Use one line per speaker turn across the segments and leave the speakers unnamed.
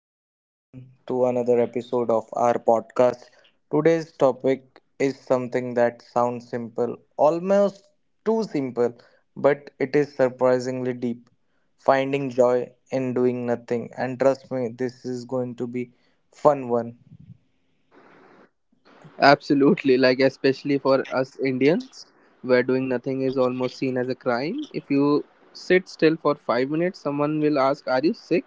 back, everyone, to another episode of our podcast. Today's topic is something that sounds simple, almost too simple, but it is surprisingly deep. Finding joy in doing nothing, and trust me, this is going to be fun one.
Absolutely, like especially for us Indians, where doing nothing is almost seen as a crime. If you sit still for 5 minutes, someone will ask, are you sick?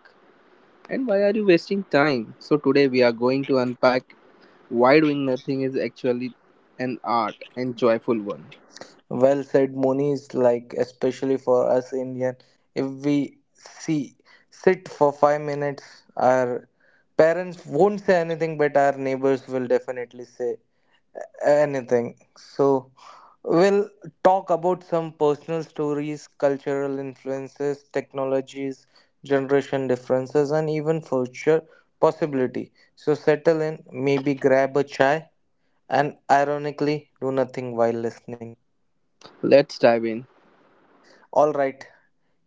And why are you wasting time? So today we are going to unpack why doing nothing is actually an art and joyful one.
Well said, Moni is like especially for us Indian, if we see sit for 5 minutes, our parents won't say anything, but our neighbors will definitely say anything. So, we'll talk about some personal stories, cultural influences, technologies, generation differences, and even future possibility. So, settle in, maybe grab a chai, and ironically, do nothing while listening.
Let's dive in.
All right,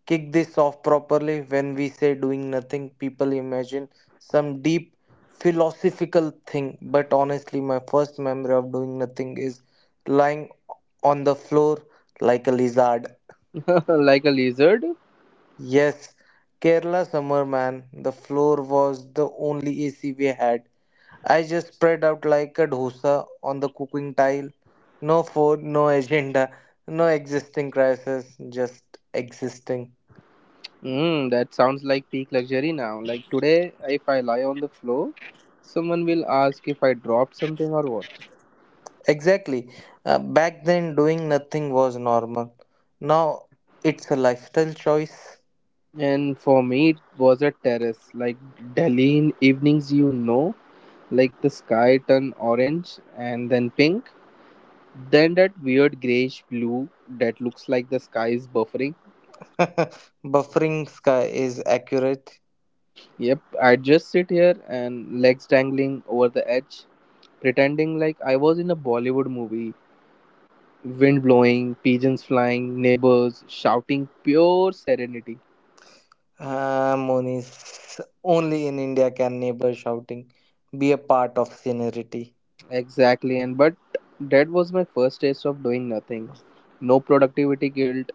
kick this off properly. When we say doing nothing, people imagine some deep philosophical thing, but honestly, my first memory of doing nothing is lying on the floor like a lizard.
Like a lizard?
Yes, Kerala summer man, the floor was the only AC we had. I just spread out like a dosa on the cooking tile. No food, no agenda, no existing crisis, just existing.
Mm, that sounds like peak luxury now. Like today, if I lie on the floor, someone will ask if I dropped something or what.
Exactly. Back then, doing nothing was normal. Now, it's a lifestyle choice.
And for me, it was a terrace, like Delhi in evenings, you know, like the sky turn orange and then pink, then that weird grayish blue that looks like the sky is buffering.
Buffering sky is accurate.
Yep, I just sit here and legs dangling over the edge, pretending like I was in a Bollywood movie. Wind blowing, pigeons flying, neighbors shouting, pure serenity.
Ah, Monis, only in India can neighbor shouting be a part of scenery.
Exactly, and but that was my first taste of doing nothing. No productivity guilt.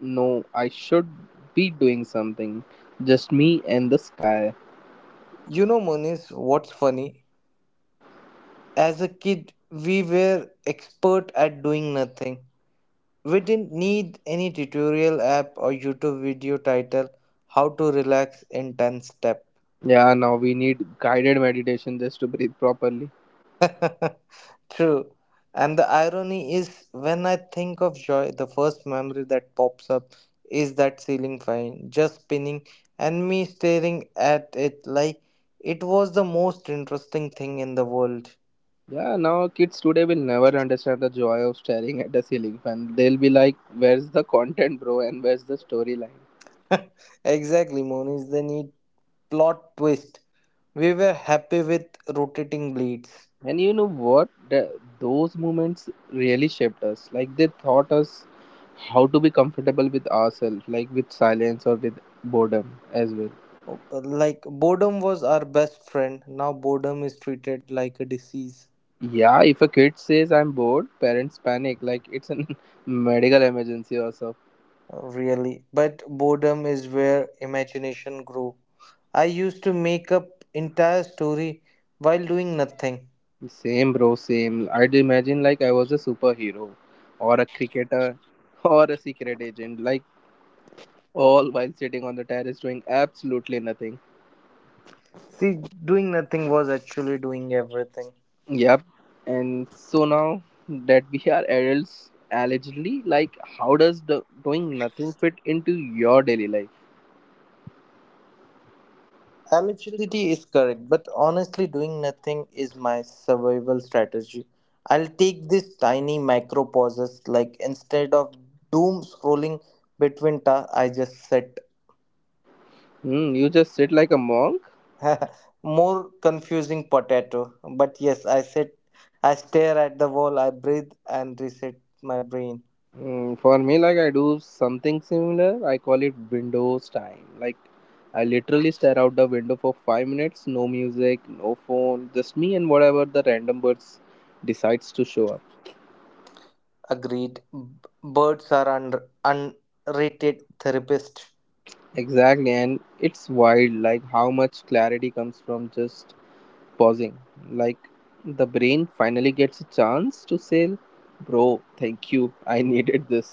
No, I should be doing something. Just me and the sky.
You know, Monis, what's funny? As a kid, we were expert at doing nothing. We didn't need any tutorial app or YouTube video title how to relax in 10 step.
Yeah, now we need guided meditation just to breathe properly.
True. And the irony is, when I think of joy, the first memory that pops up is that ceiling fan just spinning and me staring at it like it was the most interesting thing in the world.
Yeah, now kids today will never understand the joy of staring at a ceiling fan. They'll be like, where's the content, bro, and where's the storyline?
Exactly, Moniz. They need plot twist. We were happy with rotating bleeds.
And you know what? Those moments really shaped us. Like they taught us how to be comfortable with ourselves, like with silence or with boredom as well.
Like boredom was our best friend. Now boredom is treated like a disease.
Yeah, if a kid says I'm bored, parents panic like it's a medical emergency or so.
Really, but boredom is where imagination grew. I used to make up entire story while doing nothing.
Same, bro, same. I'd imagine like I was a superhero or a cricketer or a secret agent, like all while sitting on the terrace doing absolutely nothing.
See, doing nothing was actually doing everything.
Yep. And so now that we are adults, allegedly, like how does the doing nothing fit into your daily life?
Eligibility is correct, but honestly doing nothing is my survival strategy. I'll take these tiny micro pauses, like instead of doom scrolling between tasks, I just sit.
Hmm, you just sit like a monk.
More confusing potato. But yes, I sit, I stare at the wall, I breathe and reset my brain.
Mm, for me, like I do something similar. I call it Windows time. Like I literally stare out the window for 5 minutes, no music, no phone, just me and whatever the random birds decides to show up.
Agreed. Birds are unrated therapist.
Exactly, and it's wild, like how much clarity comes from just pausing. Like the brain finally gets a chance to say, "Bro, thank you. I needed this."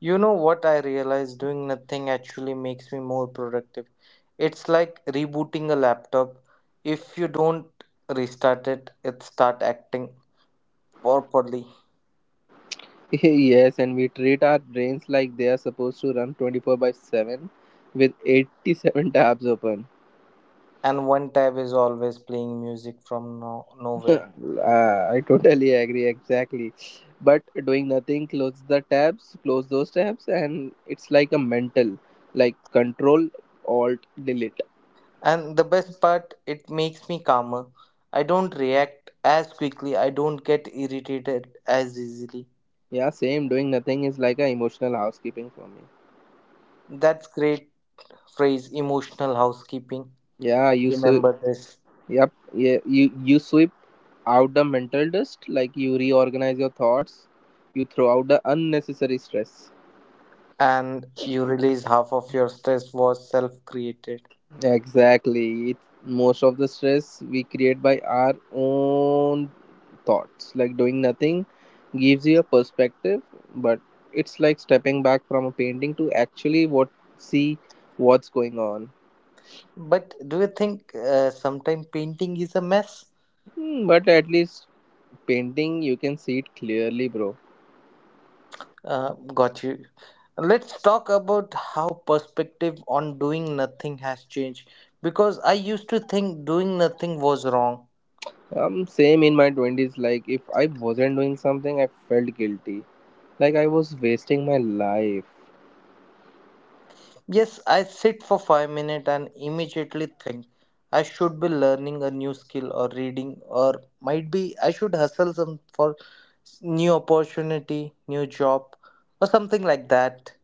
You know what I realized? Doing nothing actually makes me more productive. It's like rebooting a laptop. If you don't restart it, it start acting properly.
Yes, and we treat our brains like they are supposed to run 24 by 7 with 87 tabs open.
And one tab is always playing music from nowhere.
I totally agree, exactly. But doing nothing, close the tabs, close those tabs, and it's like a mental, like control, alt, delete.
And the best part, it makes me calmer. I don't react as quickly, I don't get irritated as easily.
Yeah, same. Doing nothing is like a emotional housekeeping for me.
That's great phrase, emotional housekeeping.
Yeah,
I'll
you sweep.
remember this.
Yep. Yeah, you sweep out the mental dust, like you reorganize your thoughts, you throw out the unnecessary stress.
And you release half of your stress was self created.
Exactly. Most of the stress we create by our own thoughts, like doing nothing gives you a perspective, but it's like stepping back from a painting to actually what see what's going on.
But do you think sometimes painting is a mess?
Hmm, but at least painting you can see it clearly, bro.
Got you. Let's talk about how perspective on doing nothing has changed. Because I used to think doing nothing was wrong.
Same in my 20s, like if I wasn't doing something I felt guilty. Like I was wasting my life.
Yes, I sit for 5 minutes and immediately think I should be learning a new skill or reading or might be I should hustle some for new opportunity, new job or something like that.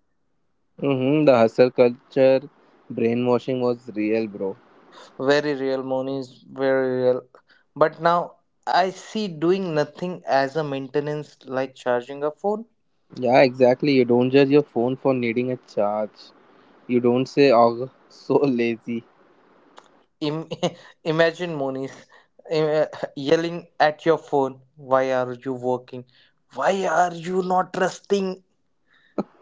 Mm-hmm, the hustle culture brainwashing was real, bro.
Very real, Moni is very real. But now I see doing nothing as a maintenance like charging a phone.
Yeah, exactly. You don't judge your phone for needing a charge. You don't say, oh, so lazy.
Im- imagine Moni's im- yelling at your phone, why are you working? Why are you not resting?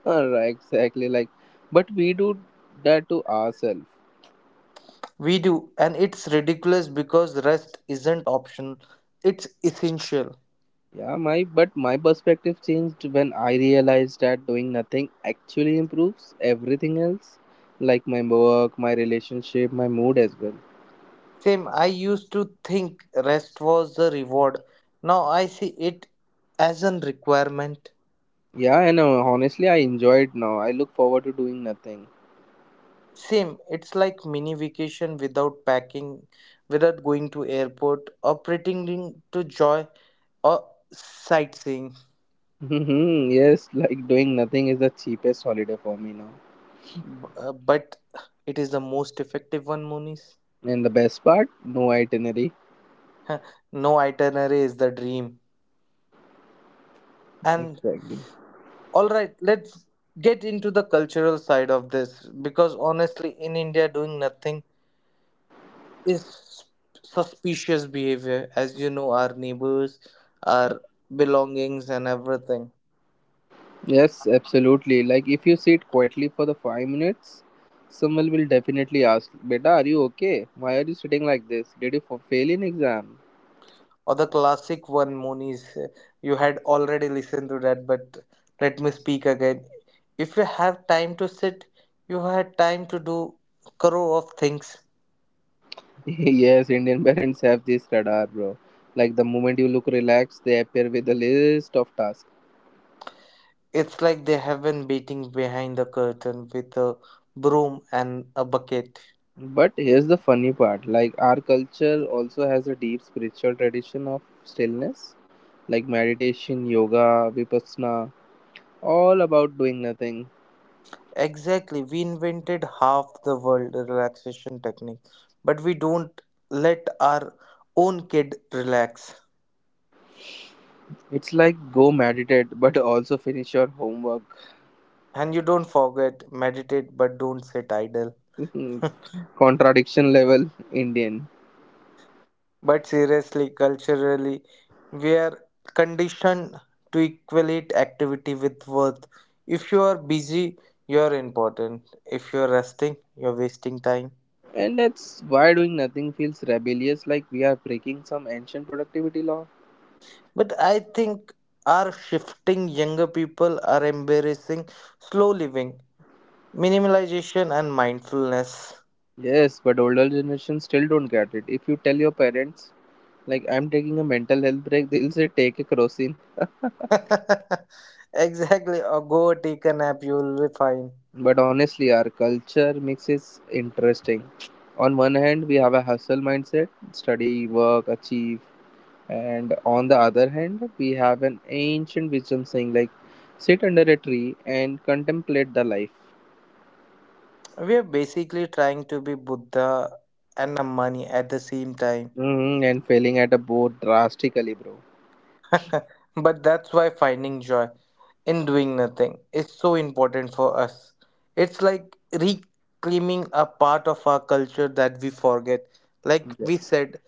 Right? Exactly. Like, but we do that to ourselves.
We do, and it's ridiculous because rest isn't optional, it's essential.
Yeah, my but my perspective changed when I realized that doing nothing actually improves everything else, like my work, my relationship, my mood as well.
Same, I used to think rest was a reward. Now I see it as a requirement.
Yeah, and honestly, I enjoy it now. I look forward to doing nothing.
Same, it's like mini vacation without packing, without going to airport or pretending to joy or sightseeing.
Yes, like doing nothing is the cheapest holiday for me now.
But it is the most effective one, Monis.
And the best part, no itinerary.
No itinerary is the dream. And
Exactly.
all right, let's get into the cultural side of this, because honestly in India doing nothing is suspicious behavior, as you know, our neighbors, our belongings and everything.
Yes, absolutely. Like if you sit quietly for the 5 minutes, someone will definitely ask, "Beta, are you okay? Why are you sitting like this? Did you fail in exam?"
Or the classic one, Monis, you had already listened to that, but let me speak again. If you have time to sit, you had time to do crore of things.
Yes, Indian parents have this radar, bro. Like the moment you look relaxed, they appear with a list of tasks.
It's like they have been beating behind the curtain with a broom and a bucket.
But here's the funny part: like our culture also has a deep spiritual tradition of stillness, like meditation, yoga, vipassana, all about doing nothing.
Exactly. We invented half the world relaxation technique, but we don't let our own kid relax.
It's like go meditate, but also finish your homework.
And you don't forget, meditate, but don't sit idle.
Contradiction level Indian.
But seriously, culturally, we are conditioned to equate activity with worth. If you are busy, you are important. If you are resting, you are wasting time.
And that's why doing nothing feels rebellious, like we are breaking some ancient productivity law.
But I think our shifting younger people are embracing slow living. Minimalization and mindfulness.
Yes, but older generations still don't get it. If you tell your parents, like, I'm taking a mental health break, they'll say, take a crocin.
Exactly. Or go take a nap, you will be fine.
But honestly, our culture mix is interesting. On one hand, we have a hustle mindset study, work, achieve. And on the other hand, we have an ancient wisdom saying like sit under a tree and contemplate the life.
We are basically trying to be Buddha and a money at the same time.
Mm, and failing at a boat drastically, bro.
But that's why finding joy in doing nothing is so important for us. It's like reclaiming a part of our culture that we forget. Like
Yeah.
we said,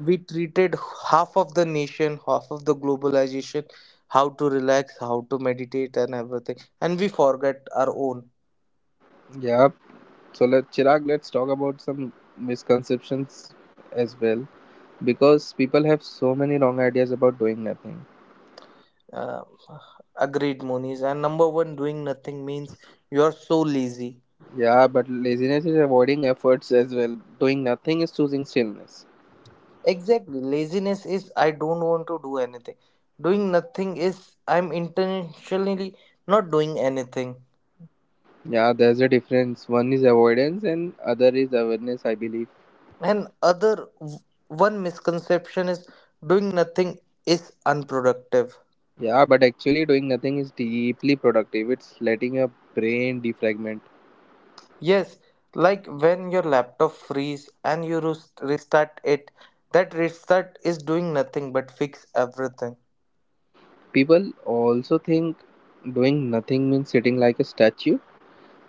we treated half of the nation, half of the globalization, how to relax, how to meditate and everything, and we forget our own.
Yep. So let Chirag, let's talk about some misconceptions as well. Because people have so many wrong ideas about doing nothing.
uh, Agreed, monies, and number one, doing nothing means you're so lazy.
Yeah, but laziness is avoiding efforts as well. Doing nothing is choosing stillness.
Exactly, laziness is I don't want to do anything. Doing nothing is I'm intentionally not doing anything.
Yeah, there's a difference. One is avoidance and other is awareness, I believe.
And one misconception is doing nothing is unproductive.
Yeah, but actually doing nothing is deeply productive. It's letting your brain defragment.
Yes, like when your laptop freeze and you restart it, that restart is doing nothing but fix everything.
People also think doing nothing means sitting like a statue,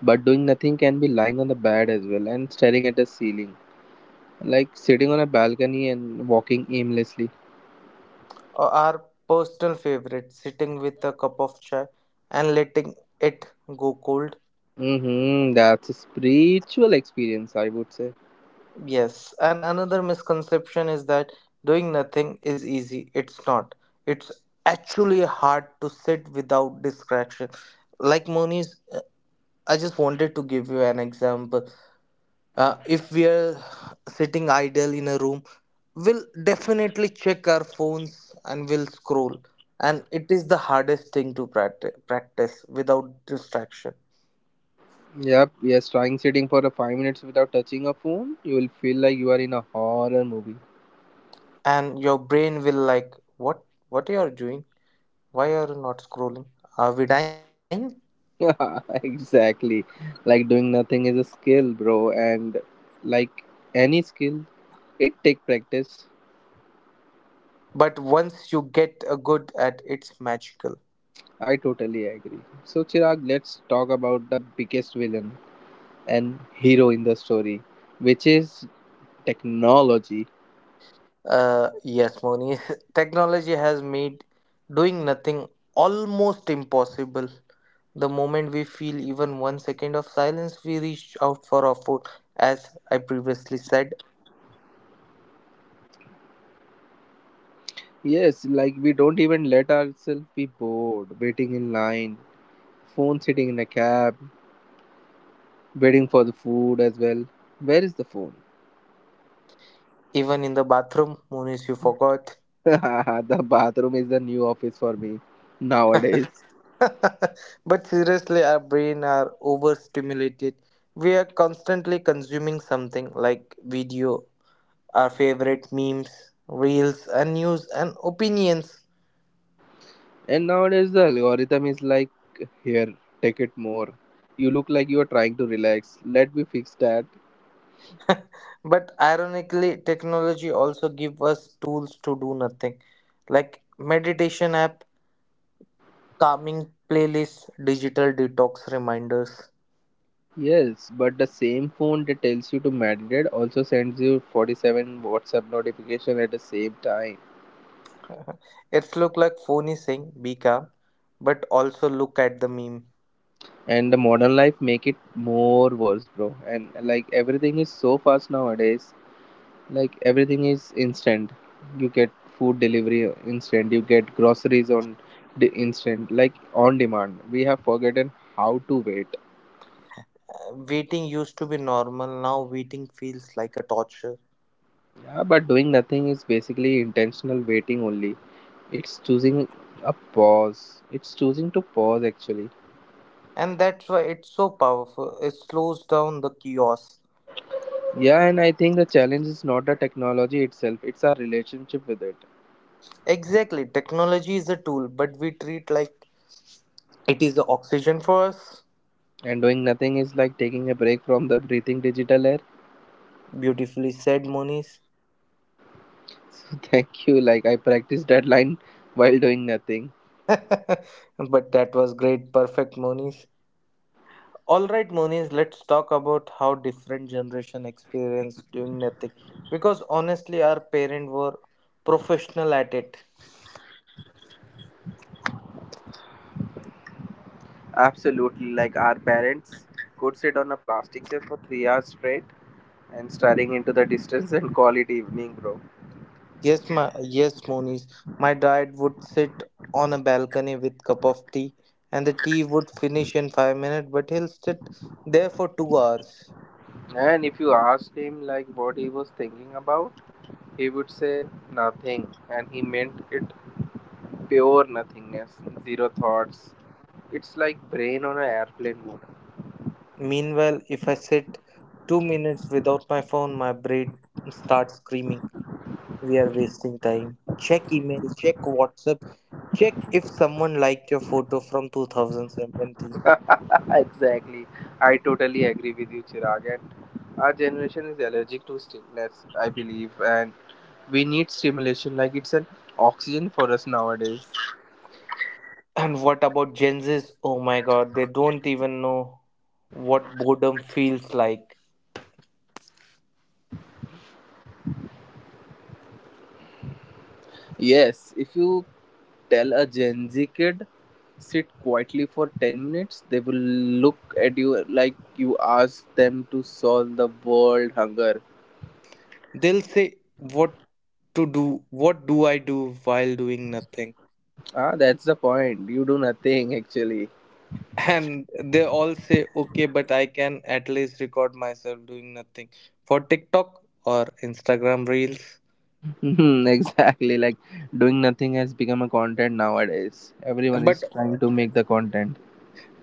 but doing nothing can be lying on the bed as well and staring at the ceiling, like sitting on a balcony and walking aimlessly.
Or our personal favorite, sitting with a cup of chai and letting it go cold.
Mm-hmm, that's a spiritual experience, I would say.
Yes, and another misconception is that doing nothing is easy. It's not. It's actually hard to sit without distraction. Like, Moni's, I just wanted to give you an example. If we are sitting idle in a room, we'll definitely check our phones and we'll scroll, and it is the hardest thing to practice, practice without distraction.
Yep, yes, trying sitting for a 5 minutes without touching a phone, you will feel like you are in a horror movie.
And your brain will like, what you are doing, why are you not scrolling, are we dying?
Exactly. Like doing nothing is a skill, bro, and like any skill, it take practice.
But once you get a good at, it's magical.
I totally agree. So Chirag, let's talk about the biggest villain and hero in the story, which is technology.
Yes, Moni, technology has made doing nothing almost impossible. The moment we feel even 1 second of silence, we reach out for our phone. As I previously said,
Yes, like we don't even let ourselves be bored, waiting in line, phone sitting in a cab, waiting for the food as well. Where is the phone?
even in the bathroom, Munis, you forgot.
The bathroom is the new office for me nowadays.
But seriously, our brain are overstimulated. We are constantly consuming something like video, our favorite memes, reels, and news and opinions.
And nowadays the algorithm is like, here, take it more. You look like you are trying to relax. Let me fix that.
But ironically, technology also give us tools to do nothing, like meditation app, calming playlist, digital detox reminders.
Yes, but the same phone that tells you to meditate also sends you 47 WhatsApp notification at the same time.
It's look like phone is saying be calm, but also look at the meme.
And the modern life make it more worse, bro. And like everything is so fast nowadays. Like everything is instant. You get food delivery instant. You get groceries on the instant, like on demand. We have forgotten how to wait.
Waiting used to be normal, now waiting feels like a torture.
Yeah, but doing nothing is basically intentional waiting only. It's choosing a pause. It's choosing to pause actually.
And that's why it's so powerful. It slows down the chaos.
Yeah, and I think the challenge is not the technology itself, it's our relationship with it.
Exactly, technology is a tool, but we treat like it is the oxygen for us.
And doing nothing is like taking a break from the breathing digital air.
Beautifully said, Moniz.
So thank you. Like I practiced that line while doing nothing.
But that was great, perfect, Moniz. All right, Moniz, let's talk about how different generation experience doing nothing. Because honestly, our parents were professional at it.
Absolutely. Like our parents could sit on a plastic chair for 3 hours straight and staring into the distance and call it evening, bro.
Yes, Moniz. My dad would sit on a balcony with cup of tea, and the tea would finish in 5 minutes, but he'll sit there for 2 hours.
And if you asked him like what he was thinking about, he would say nothing, and he meant it pure nothingness, zero thoughts. It's like brain on an airplane mode.
Meanwhile, if I sit 2 minutes without my phone, my brain starts screaming. We are wasting time, check email, check whatsapp, check if someone liked your photo from 2017.
Exactly. I totally agree with you, Chirag. And our generation is allergic to stillness, I believe, and we need stimulation like it's an oxygen for us nowadays.
And what about gen z's? Oh my god, they don't even know what boredom feels like.
Yes, if you tell a Gen Z kid, sit quietly for 10 minutes, they will look at you like you ask them to solve the world hunger.
They'll say what to do, what do I do while doing nothing?
Ah, that's the point. You do nothing actually.
And they all say okay, but I can at least record myself doing nothing for tiktok or instagram reels.
Mhm, exactly. Like doing nothing has become a content nowadays. Everyone
but
is trying to make the content.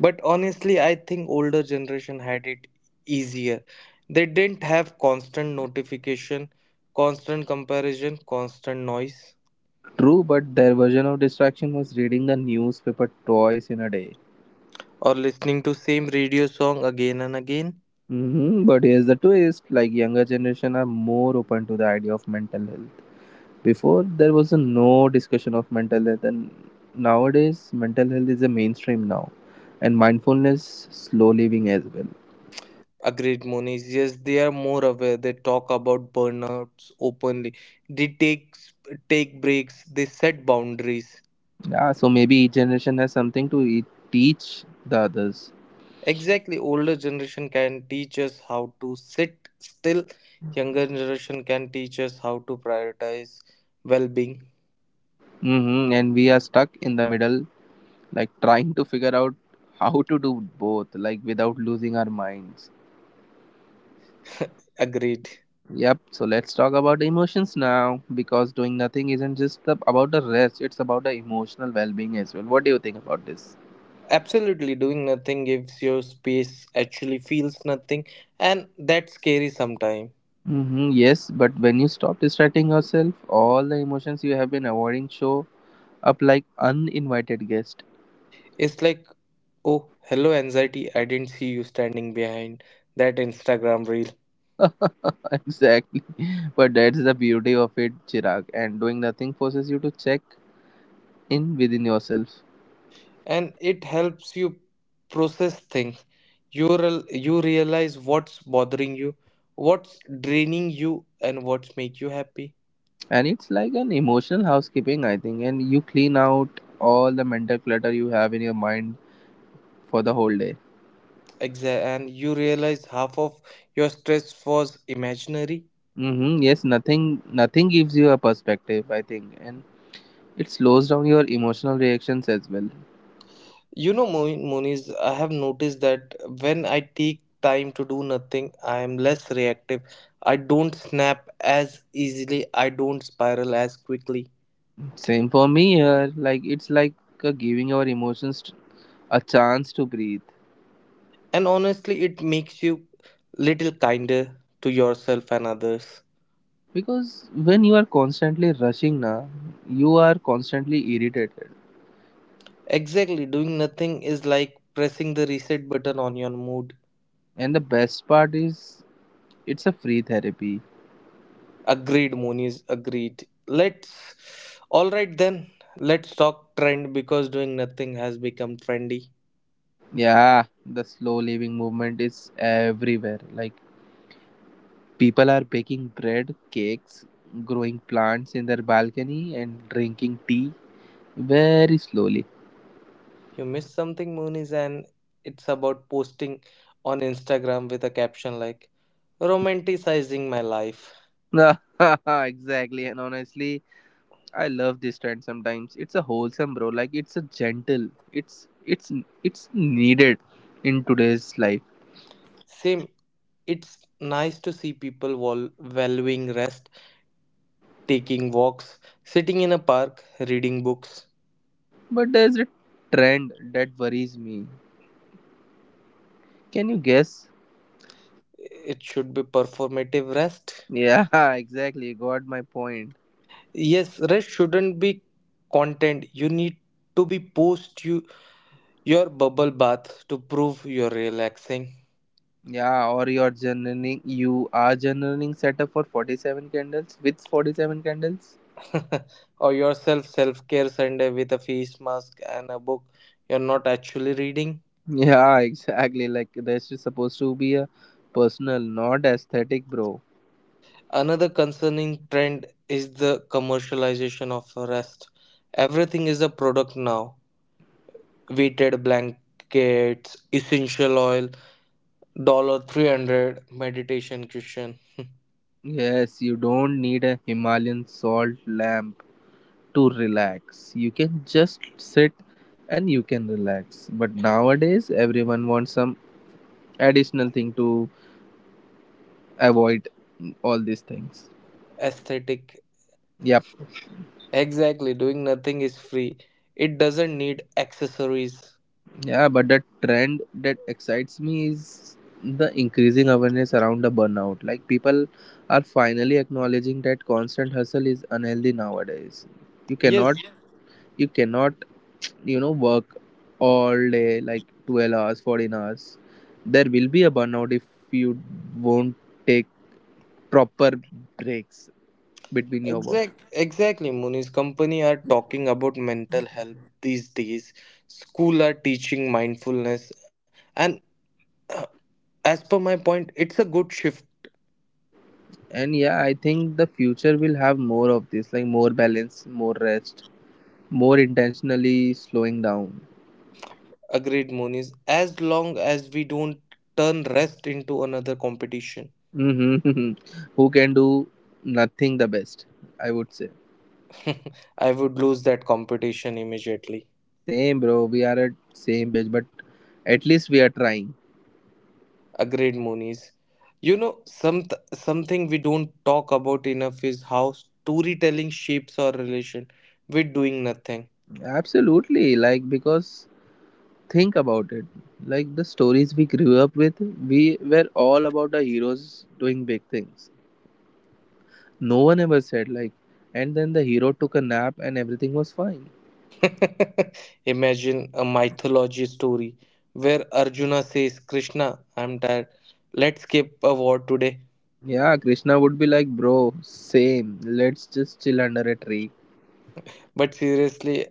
But honestly, I think older generation had it easier. They didn't have constant notification, constant comparison, constant noise,
True, but their version of distraction was reading the newspaper twice in a day.
or listening to same radio song again and again.
Hmm, but here's the twist: like younger generation are more open to the idea of mental health. Before there was a no discussion of mental health, and nowadays mental health is a mainstream now, and mindfulness, slow living as well.
Agreed, Moniz. Yes, they are more aware. They talk about burnouts openly. They take breaks. They set boundaries.
Yeah, so maybe each generation has something to teach the others.
Exactly, older generation can teach us how to sit still. Younger generation can teach us how to prioritize well-being.
Hmm, and we are stuck in the middle, like trying to figure out how to do both, like without losing our minds.
Agreed.
Yep, so let's talk about emotions now because doing nothing isn't just about the rest, it's about the emotional well being as well. What do you think about this?
Absolutely, doing nothing gives your space actually feels nothing, and that's scary sometimes.
Hmm, yes, but when you stop distracting yourself, all the emotions you have been avoiding show up like uninvited guest.
It's like, oh, hello, anxiety, I didn't see you standing behind that Instagram reel.
Exactly. But that's the beauty of it, Chirag. And doing nothing forces you to check in within yourself.
And it helps you process things. You realize what's bothering you, what's draining you, and what's make you happy.
And it's like an emotional housekeeping, I think. And you clean out all the mental clutter you have in your mind for the whole day.
And you realize half of your stress was imaginary.
Mm-hmm. Yes, nothing gives you a perspective, I think. And it slows down your emotional reactions as well.
You know, Moniz, I have noticed that when I take time to do nothing, I am less reactive. I don't snap as easily, I don't spiral as quickly.
Same for me here. Like it's like giving our emotions a chance to breathe.
And honestly, it makes you little kinder to yourself and others.
Because when you are constantly rushing, na, you are constantly irritated.
Exactly, doing nothing is like pressing the reset button on your mood.
And the best part is it's a free therapy.
Agreed, Moniz, agreed. Let's. Alright then, let's talk trend because doing nothing has become trendy.
Yeah, the slow living movement is everywhere. Like people are baking bread, cakes, growing plants in their balcony, and drinking tea very slowly.
You missed something, Moonies, and it's about posting on Instagram with a caption like romanticizing my life.
Exactly, and honestly I love this trend sometimes. It's a wholesome bro. Like it's a gentle. It's it's needed in today's life.
Same, it's nice to see people valuing rest, taking walks, sitting in a park, reading books.
But there's a trend that worries me. Can you guess?
It should be performative rest.
Yeah, exactly. Got my point.
Yes, rest shouldn't be content. You need to be post you your bubble bath to prove you're relaxing.
Yeah, or you are generating setup for 47 candles with 47 candles.
Or yourself self-care Sunday with a face mask and a book you're not actually reading.
Yeah, exactly. Like this is supposed to be a personal, not aesthetic, bro.
Another concerning trend is the commercialization of rest. Everything is a product now, weighted blankets, essential oil, $300 meditation cushion.
Yes, you don't need a Himalayan salt lamp to relax. You can just sit and you can relax. But nowadays, everyone wants some additional thing to avoid all these things.
Aesthetic.
Yep.
Exactly, doing nothing is free, it doesn't need accessories.
Yeah, but the trend that excites me is the increasing awareness around the burnout. Like people are finally acknowledging that constant hustle is unhealthy nowadays. You cannot
Yes.
you cannot you know work all day like 12 hours 14 hours. There will be a burnout if you won't take proper breaks between your work.
Exactly, Muni's company are talking about mental health these days. School are teaching mindfulness, and as per my point, it's a good shift.
And yeah, I think the future will have more of this, like more balance, more rest, more intentionally slowing down.
Agreed, Muni's. As long as we don't turn rest into another competition,
Hmm. Who can do nothing the best, I would say.
I would lose that competition immediately.
Same bro, we are at same page, but at least we are trying.
Agreed, Muni's. You know, something we don't talk about enough is how storytelling shapes our relation with doing nothing.
Absolutely, like because think about it. Like the stories we grew up with, we were all about the heroes doing big things. No one ever said, like, and then the hero took a nap and everything was fine.
Imagine a mythology story where Arjuna says, Krishna, I'm tired. Let's skip a war today.
Yeah, Krishna would be like, bro, same. Let's just chill under a tree.
But seriously,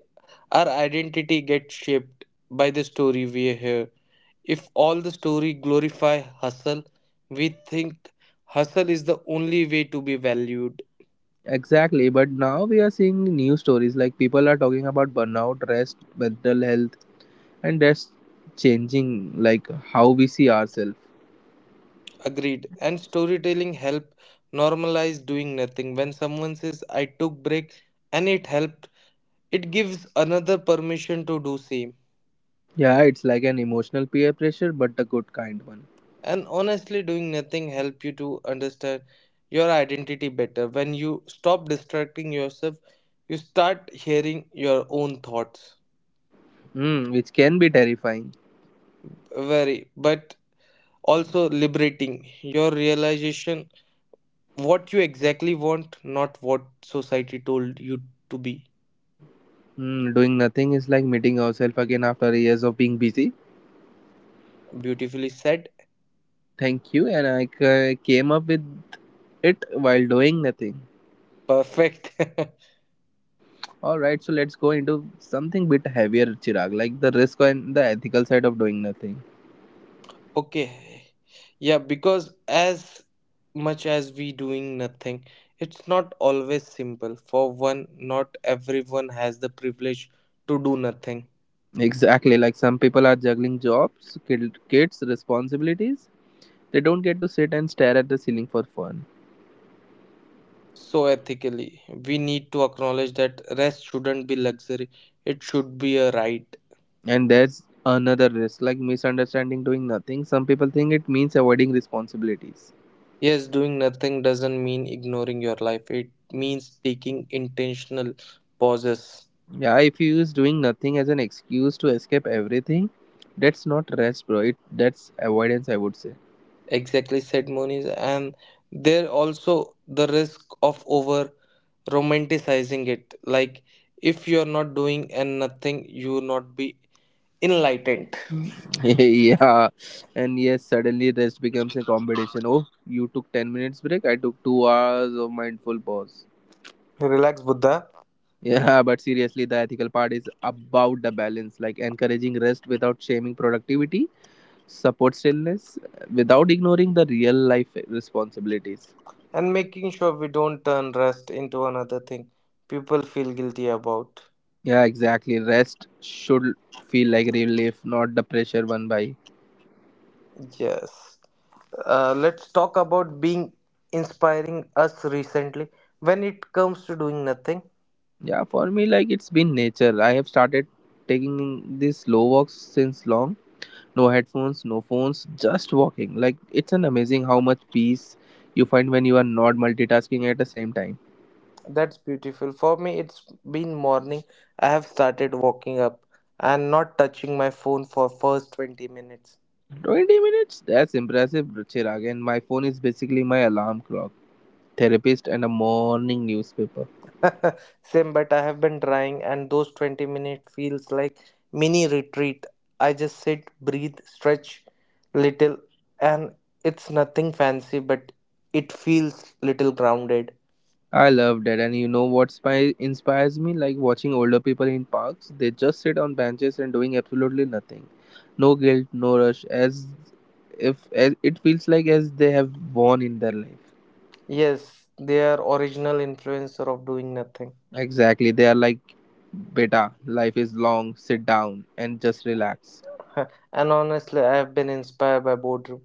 our identity gets shaped by the story we hear. If all the story glorify hustle, we think hustle is the only way to be valued.
Exactly, but now we are seeing new stories, like people are talking about burnout, rest, mental health, and that's changing like how we see ourselves.
Agreed. And storytelling help normalize doing nothing. When someone says I took break and it helped, it gives another permission to do same.
Yeah, it's like an emotional peer pressure, but a good kind one.
And honestly, doing nothing help you to understand your identity better. When you stop distracting yourself, you start hearing your own thoughts.
Mm, which can be terrifying.
Very, but also liberating your realization what you exactly want, not what society told you to be.
Hmm, doing nothing is like meeting yourself again after years of being busy.
Beautifully said.
Thank you, and I came up with it while doing nothing.
Perfect.
All right, so let's go into something bit heavier, Chirag, like the risk and the ethical side of doing nothing.
Okay. Yeah, because as much as we doing nothing, it's not always simple. For one, not everyone has the privilege to do nothing.
Exactly, like some people are juggling jobs, kids, responsibilities. They don't get to sit and stare at the ceiling for fun.
So ethically, we need to acknowledge that rest shouldn't be luxury. It should be a right.
And there's another risk, like misunderstanding doing nothing. Some people think it means avoiding responsibilities.
Yes, doing nothing doesn't mean ignoring your life. It means taking intentional pauses.
Yeah, if you use doing nothing as an excuse to escape everything, that's not rest, bro. It that's avoidance, I would say.
Exactly said Moniz, and there also the risk of over romanticizing it. Like if you're not doing and nothing, you will not be enlightened.
Mm. Yeah, and yes, suddenly rest becomes a competition. Oh, you took 10 minutes break. I took 2 hours of mindful pause.
Relax, Buddha,
Yeah, but seriously, the ethical part is about the balance, like encouraging rest without shaming productivity, support stillness, without ignoring the real life responsibilities.
and making sure we don't turn rest into another thing people feel guilty about.
Yeah, exactly. Rest should feel like relief, not the pressure one by.
Yes. Let's talk about being inspiring us recently when it comes to doing nothing.
Yeah, for me, like it's been nature. I have started taking these slow walks since long. No headphones, no phones, just walking. Like it's an amazing how much peace you find when you are not multitasking at the same time.
That's beautiful. For me, it's been morning. I have started walking up and not touching my phone for first 20 minutes.
20 minutes? That's impressive, Ruchir. Again, my phone is basically my alarm clock, therapist, and a morning newspaper.
Same, but I have been trying, and those 20 minutes feels like mini retreat. I just sit, breathe, stretch little, and it's nothing fancy, but it feels little grounded.
I love that, and you know what inspires me? Like watching older people in parks. They just sit on benches and doing absolutely nothing. No guilt, no rush, as if as it feels like as they have won in their life.
Yes, they are original influencer of doing nothing.
Exactly, they are like, beta, life is long, sit down and just relax.
And honestly, I have been inspired by boredom.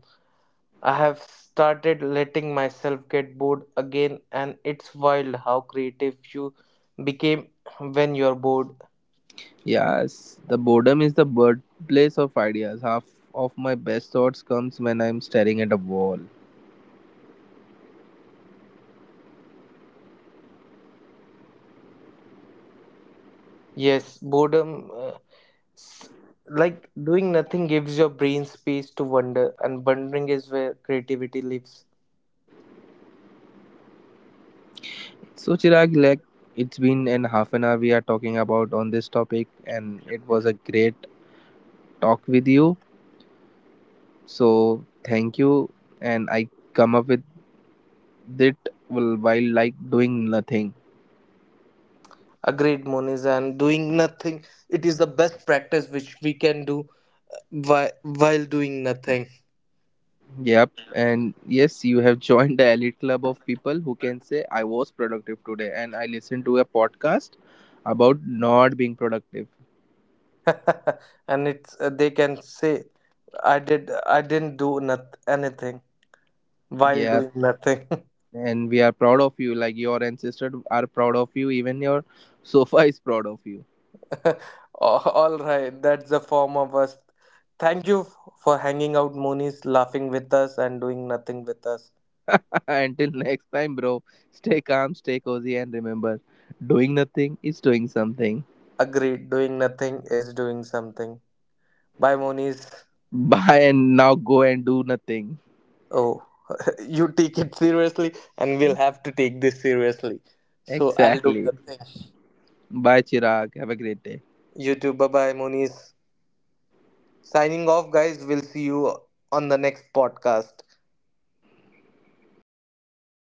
I have started letting myself get bored again, and it's wild how creative you became when you're bored.
Yes, the boredom is the birthplace of ideas. Half of my best thoughts comes when I'm staring at a wall.
Yes, s- like doing nothing, gives your brain space to wonder, and wondering is where creativity lives.
So Chirag, like it's been an half an hour we are talking about on this topic, and it was a great talk with you. So thank you, and I come up with it while, like doing nothing.
Agreed, Moniz, and doing nothing, it is the best practice which we can do while doing nothing.
Yep, and yes, you have joined the elite club of people who can say I was productive today, and I listened to a podcast about not being productive.
And it's they can say, I didn't do not anything while
Yep,
doing nothing.
and we are proud of you. Like your ancestors are proud of you, even your sofa is proud of you.
All right, that's the form of us. Thank you for hanging out, Moonies, laughing with us and doing nothing with us.
Until next time, bro, stay calm, stay cozy, and remember doing nothing is doing something.
Agreed, doing nothing is doing something. Bye, Moonies.
Bye, and now go and do nothing.
Oh, you take it seriously, and we'll have to take this seriously. So I'll do
Exactly.
nothing.
Bye, Chirag. Have a great day.
You too. Bye bye, Moonies. Signing off, guys. We'll see you on the next podcast.